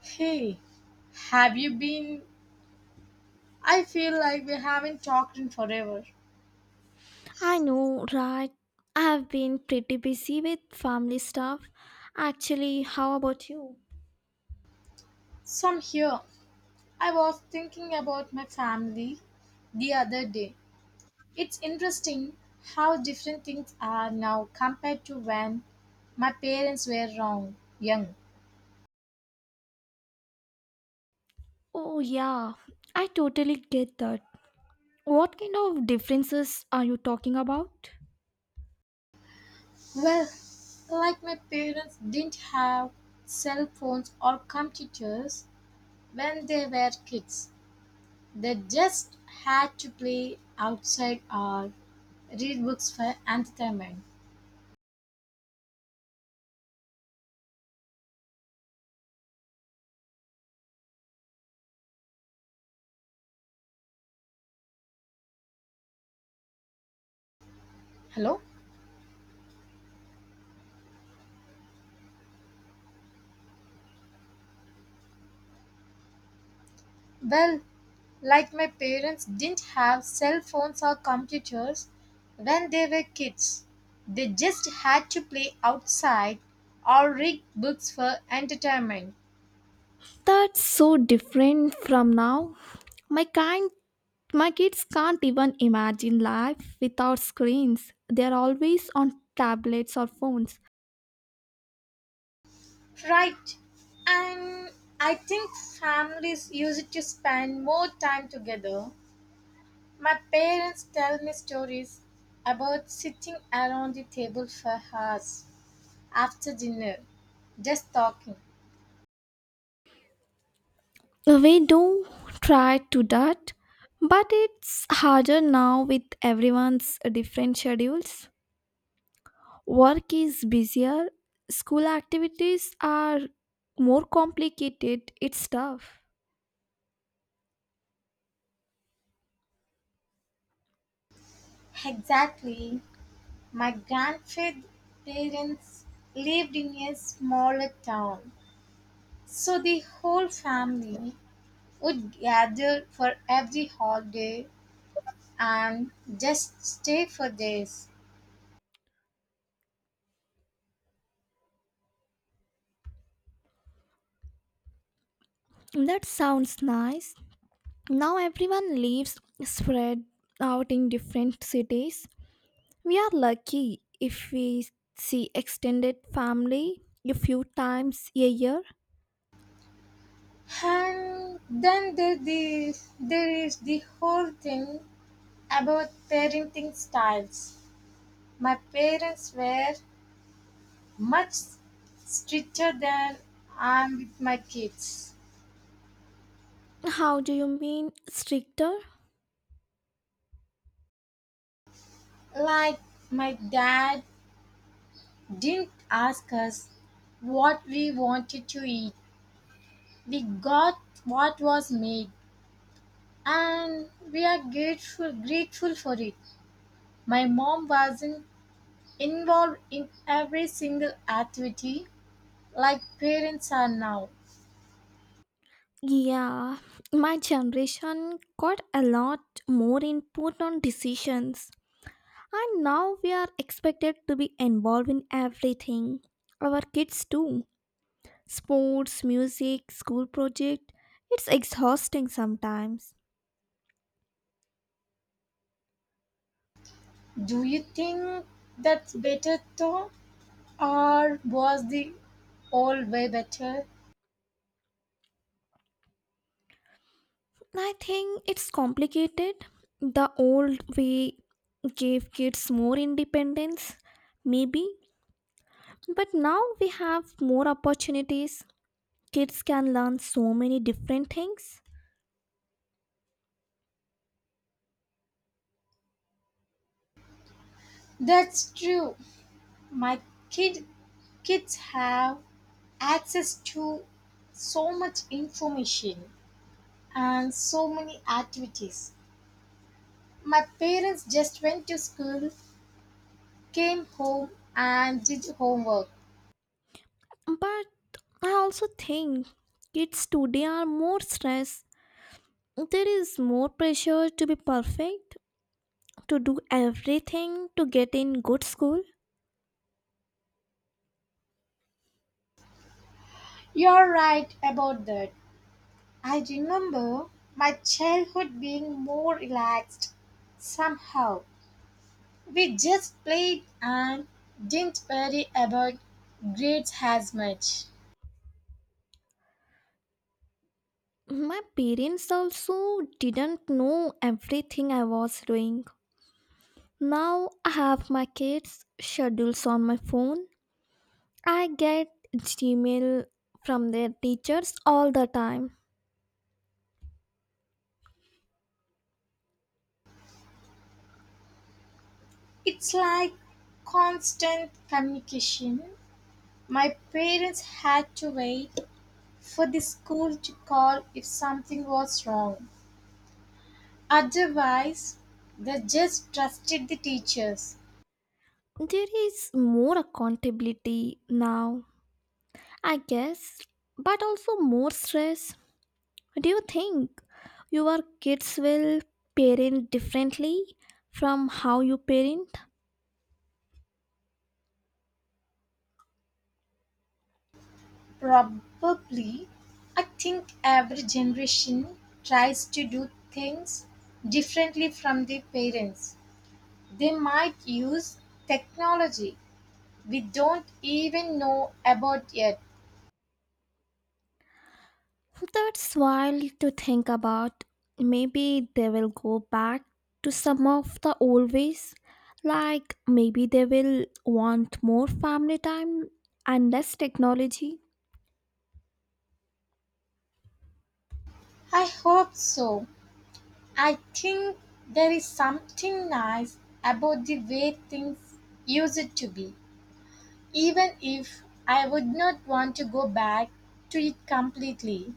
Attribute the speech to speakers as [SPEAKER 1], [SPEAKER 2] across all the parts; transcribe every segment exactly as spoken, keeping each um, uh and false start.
[SPEAKER 1] Hey, have you been? I feel like we haven't talked in forever.
[SPEAKER 2] I know, right? I have been pretty busy with family stuff. Actually, how about you?
[SPEAKER 1] Some here. I was thinking about my family the other day. It's interesting how different things are now compared to when my parents were wrong, young.
[SPEAKER 2] Oh, yeah, I totally get that. What kind of differences are you talking about?
[SPEAKER 1] Well, like my parents didn't have cell phones or computers when they were kids. They just had to play outside or read books for entertainment. Hello? Well, like my parents didn't have cell phones or computers when they were kids. They just had to play outside or read books for entertainment.
[SPEAKER 2] That's so different from now. My kind my kids can't even imagine life without screens. They're always on tablets or phones.
[SPEAKER 1] Right. And I think families use it to spend more time together. My parents tell me stories about sitting around the table for hours after dinner, just talking.
[SPEAKER 2] We do try to that, but it's harder now with everyone's different schedules. Work is busier, school activities are more complicated, it's tough.
[SPEAKER 1] Exactly. My grandparents lived in a smaller town, so the whole family would gather for every holiday and just stay for days.
[SPEAKER 2] That sounds nice. Now everyone lives spread out in different cities. We are lucky if we see extended family a few times a year.
[SPEAKER 1] And then there, the, There is the whole thing about parenting styles. My parents were much stricter than I am with my kids.
[SPEAKER 2] How do you mean stricter?
[SPEAKER 1] Like, my dad didn't ask us what we wanted to eat. We got what was made and we are grateful grateful for it. My mom wasn't involved in every single activity like parents are now.
[SPEAKER 2] Yeah, my generation got a lot more input on decisions, and now we are expected to be involved in everything. Our kids too. Sports, music, school project. It's exhausting sometimes.
[SPEAKER 1] Do you think that's better though? Or was the old way better?
[SPEAKER 2] I think it's complicated. The old way gave kids more independence, maybe, but now we have more opportunities. Kids can learn so many different things.
[SPEAKER 1] That's true. My kid kids have access to so much information and so many activities. My parents just went to school, came home and did homework.
[SPEAKER 2] But I also think kids today are more stressed. There is more pressure to be perfect, to do everything, to get in good school.
[SPEAKER 1] You're right about that. I remember my childhood being more relaxed somehow. We just played and didn't worry about grades as much.
[SPEAKER 2] My parents also didn't know everything I was doing. Now I have my kids' schedules on my phone. I get Gmail from their teachers all the time.
[SPEAKER 1] It's like constant communication. My parents had to wait for the school to call if something was wrong. Otherwise, they just trusted the teachers.
[SPEAKER 2] There is more accountability now, I guess, but also more stress. Do you think your kids will parent differently from how you parent?
[SPEAKER 1] Probably, I think every generation tries to do things differently from their parents. They might use technology we don't even know about yet.
[SPEAKER 2] That's wild to think about. Maybe they will go back to some of the old ways. Like maybe they will want more family time and less technology.
[SPEAKER 1] I hope so. I think there is something nice about the way things used to be, even if I would not want to go back to it completely.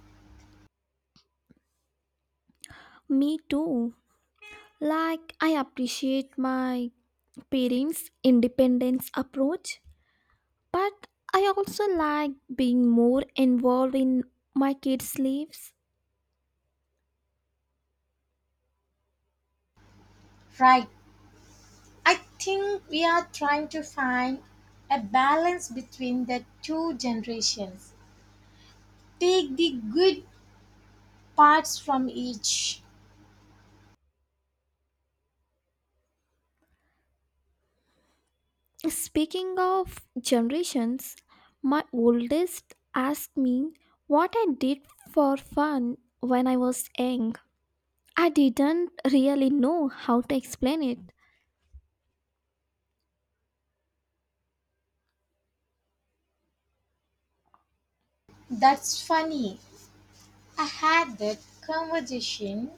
[SPEAKER 2] Me too. Like I appreciate my parents' independence approach. But I also like being more involved in my kids' lives.
[SPEAKER 1] Right. I think we are trying to find a balance between the two generations. Take the good parts from each.
[SPEAKER 2] Speaking of generations, my oldest asked me what I did for fun when I was young. I didn't really know how to explain it.
[SPEAKER 1] That's funny. I had that conversation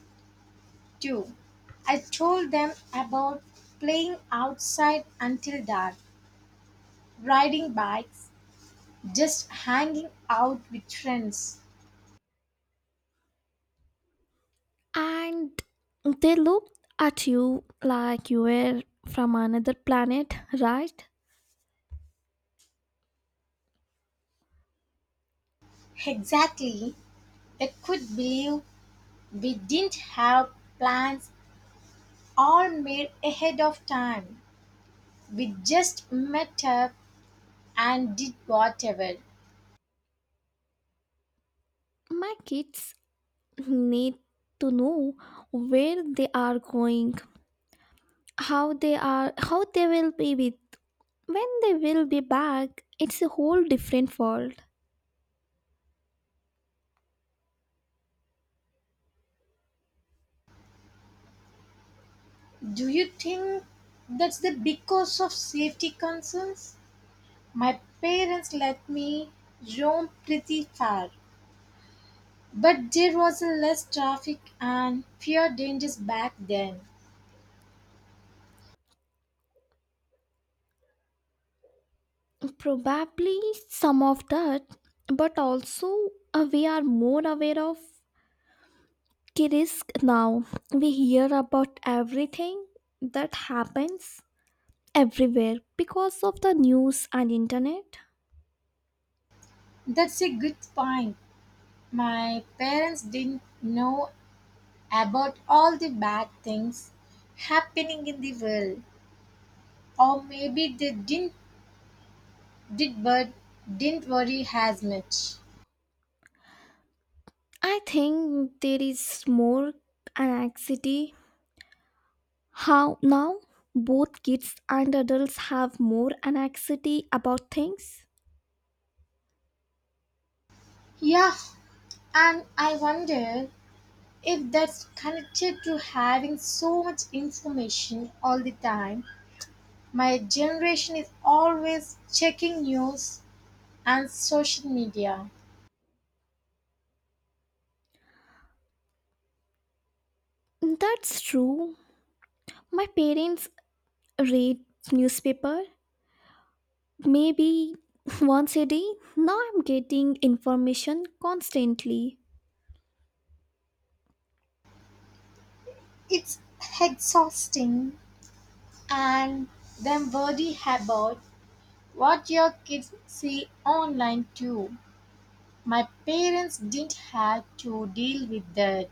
[SPEAKER 1] too, I told them about playing outside until dark, riding bikes, just hanging out with friends.
[SPEAKER 2] And they looked at you like you were from another planet, right?
[SPEAKER 1] Exactly. They could believe we didn't have plans all made ahead of time. We just met up and did whatever.
[SPEAKER 2] My kids need to know where they are going, how they are how they will be with when they will be back. It's a whole different world.
[SPEAKER 1] Do you think that's the because of safety concerns? My parents let me roam pretty far, but there was less traffic and fewer dangers back then.
[SPEAKER 2] Probably some of that, but also uh, we are more aware of the risk now. We hear about everything that happens everywhere because of the news and internet.
[SPEAKER 1] That's a good point. My parents didn't know about all the bad things happening in the world, or maybe they didn't did but didn't worry as much.
[SPEAKER 2] I think there is more anxiety how now. Both kids and adults have more anxiety about things.
[SPEAKER 1] Yeah, and I wonder if that's connected to having so much information all the time. My generation is always checking news and social media.
[SPEAKER 2] That's true. My parents read newspaper maybe once a day. Now I'm getting information constantly.
[SPEAKER 1] It's exhausting. And then worry about what your kids see online too. My parents didn't have to deal with that.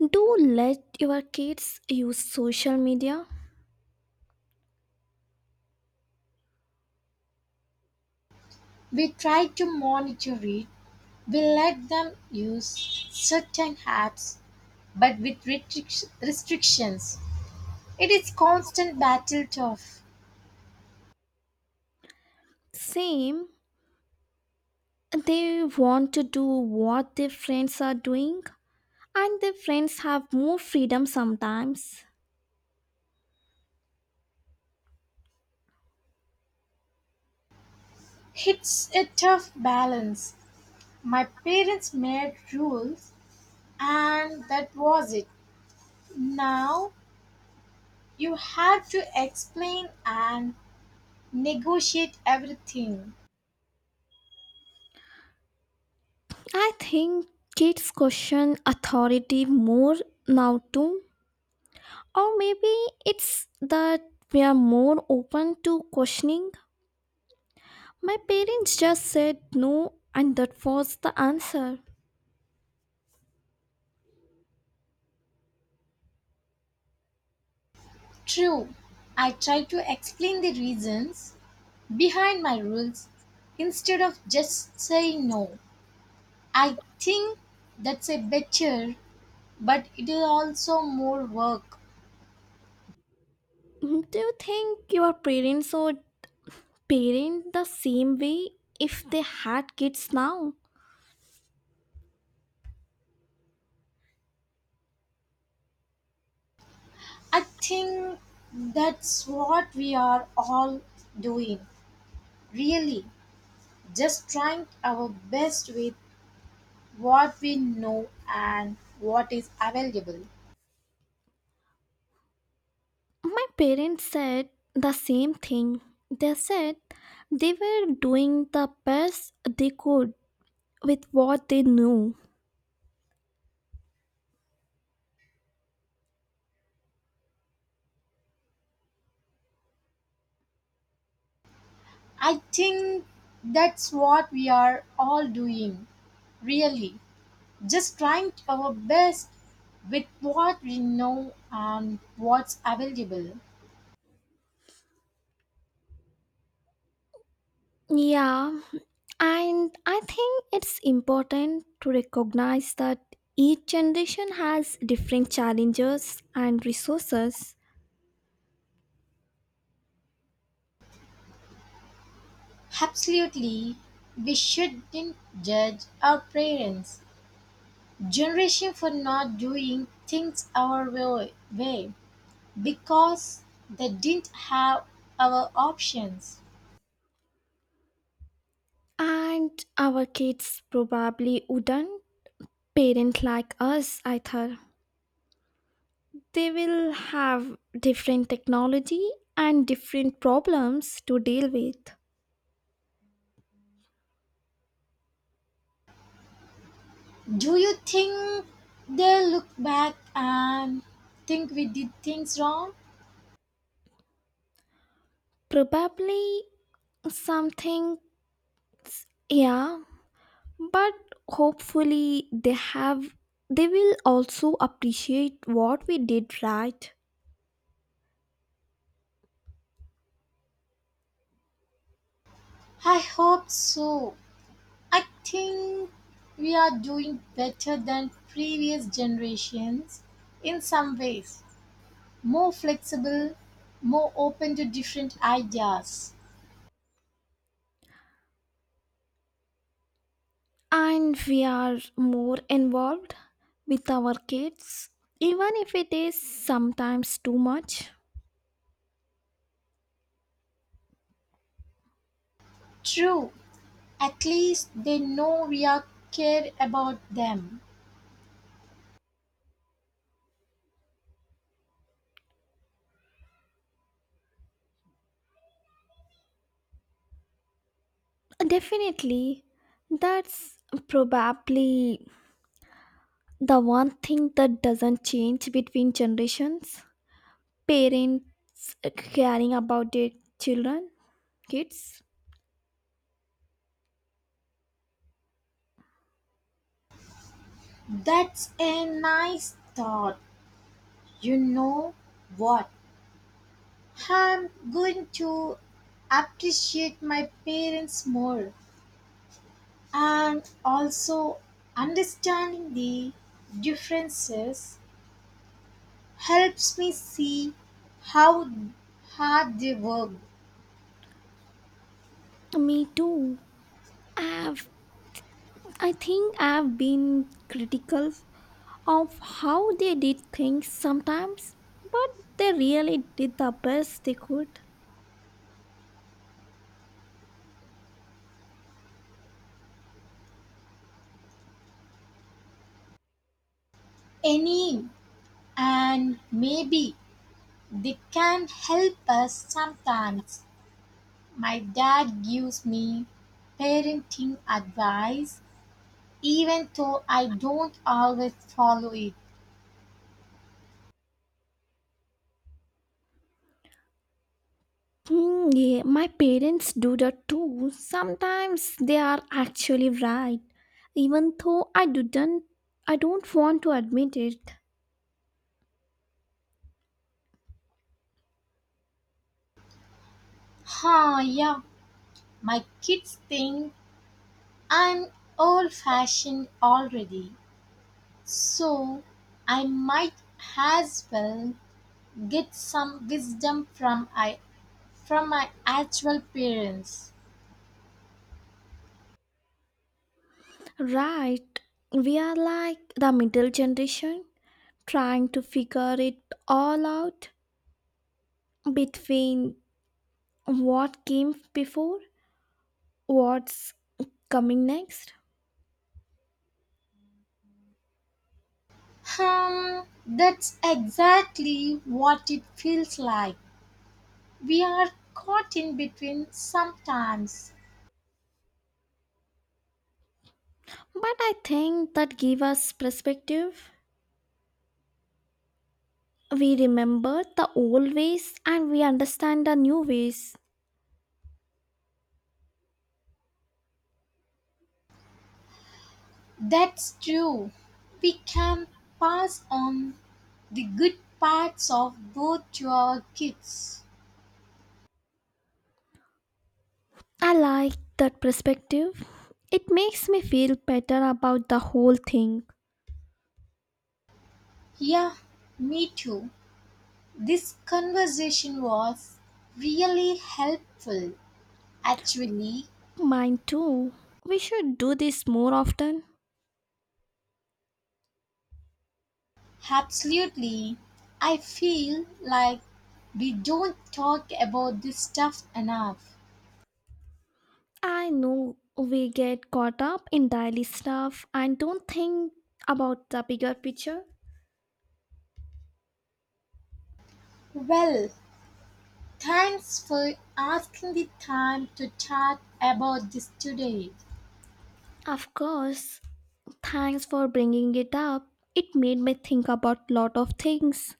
[SPEAKER 2] Do let your kids use social media.
[SPEAKER 1] We tried to monitor it. We let them use certain apps, but with restric- restrictions. It is constant battle tough.
[SPEAKER 2] Same, they want to do what their friends are doing, and their friends have more freedom sometimes.
[SPEAKER 1] It's a tough balance. My parents made rules, and that was it. Now you have to explain and negotiate everything.
[SPEAKER 2] I think kids question authority more now too. Or maybe it's that we are more open to questioning. My parents just said no, and that was the answer.
[SPEAKER 1] True, I try to explain the reasons behind my rules instead of just saying no. I think that's a better, but it is also more work.
[SPEAKER 2] Mm, Do you think your parents would parent the same way if they had kids now?
[SPEAKER 1] I think that's what we are all doing, really, just trying our best with what we know and what is available.
[SPEAKER 2] My parents said the same thing. They said they were doing the best they could with what they knew.
[SPEAKER 1] I think that's what we are all doing, really. Just trying our best with what we know and what's available.
[SPEAKER 2] Yeah, and I think it's important to recognize that each generation has different challenges and resources,
[SPEAKER 1] Absolutely, we shouldn't judge our parents' generation for not doing things our way way because they didn't have our options.
[SPEAKER 2] and our kids probably wouldn't parent like us either. They will have different technology and different problems to deal with.
[SPEAKER 1] Do you think they look back and think we did things wrong?
[SPEAKER 2] Probably something, yeah, but hopefully they have they will also appreciate what we did right.
[SPEAKER 1] I hope so. I think we are doing better than previous generations in some ways. More flexible, more open to different ideas.
[SPEAKER 2] And we are more involved with our kids, even if it is sometimes too much.
[SPEAKER 1] True, at least they know we are care about them.
[SPEAKER 2] Definitely, that's probably the one thing that doesn't change between generations, parents caring about their children, kids.
[SPEAKER 1] That's a nice thought. You know what? I'm going to appreciate my parents more, and also understanding the differences helps me see how hard they work.
[SPEAKER 2] Me too. I've, I think I've been critical of how they did things sometimes, but they really did the best they could.
[SPEAKER 1] Any, and maybe they can help us sometimes. My dad gives me parenting advice even though I don't always follow it.
[SPEAKER 2] Hmm, yeah, my parents do that too. Sometimes they are actually right, even though I didn't. I don't want to admit it.
[SPEAKER 1] Huh, yeah. My kids think I'm old fashioned already, so I might as well get some wisdom from I from my actual parents.
[SPEAKER 2] Right, we are like the middle generation, trying to figure it all out between what came before, what's coming next.
[SPEAKER 1] Hmm, that's exactly what it feels like. We are caught in between sometimes.
[SPEAKER 2] But I think that give us perspective. We remember the old ways and we understand the new ways.
[SPEAKER 1] That's true. We can pass on the good parts of both to our kids.
[SPEAKER 2] I like that perspective. It makes me feel better about the whole thing.
[SPEAKER 1] Yeah, me too. This conversation was really helpful. Actually,
[SPEAKER 2] Mine too. We should do this more often.
[SPEAKER 1] absolutely. I feel like we don't talk about this stuff enough.
[SPEAKER 2] I know we get caught up in daily stuff and don't think about the bigger picture.
[SPEAKER 1] Well, thanks for asking the time to chat about this today.
[SPEAKER 2] Of course, thanks for bringing it up. It made me think about lot of things.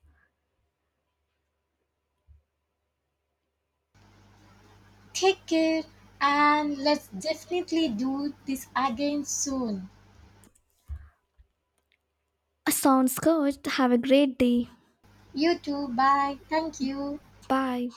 [SPEAKER 1] Take care and let's definitely do this again soon.
[SPEAKER 2] Sounds good. Have a great day.
[SPEAKER 1] You too, bye. Thank you.
[SPEAKER 2] Bye.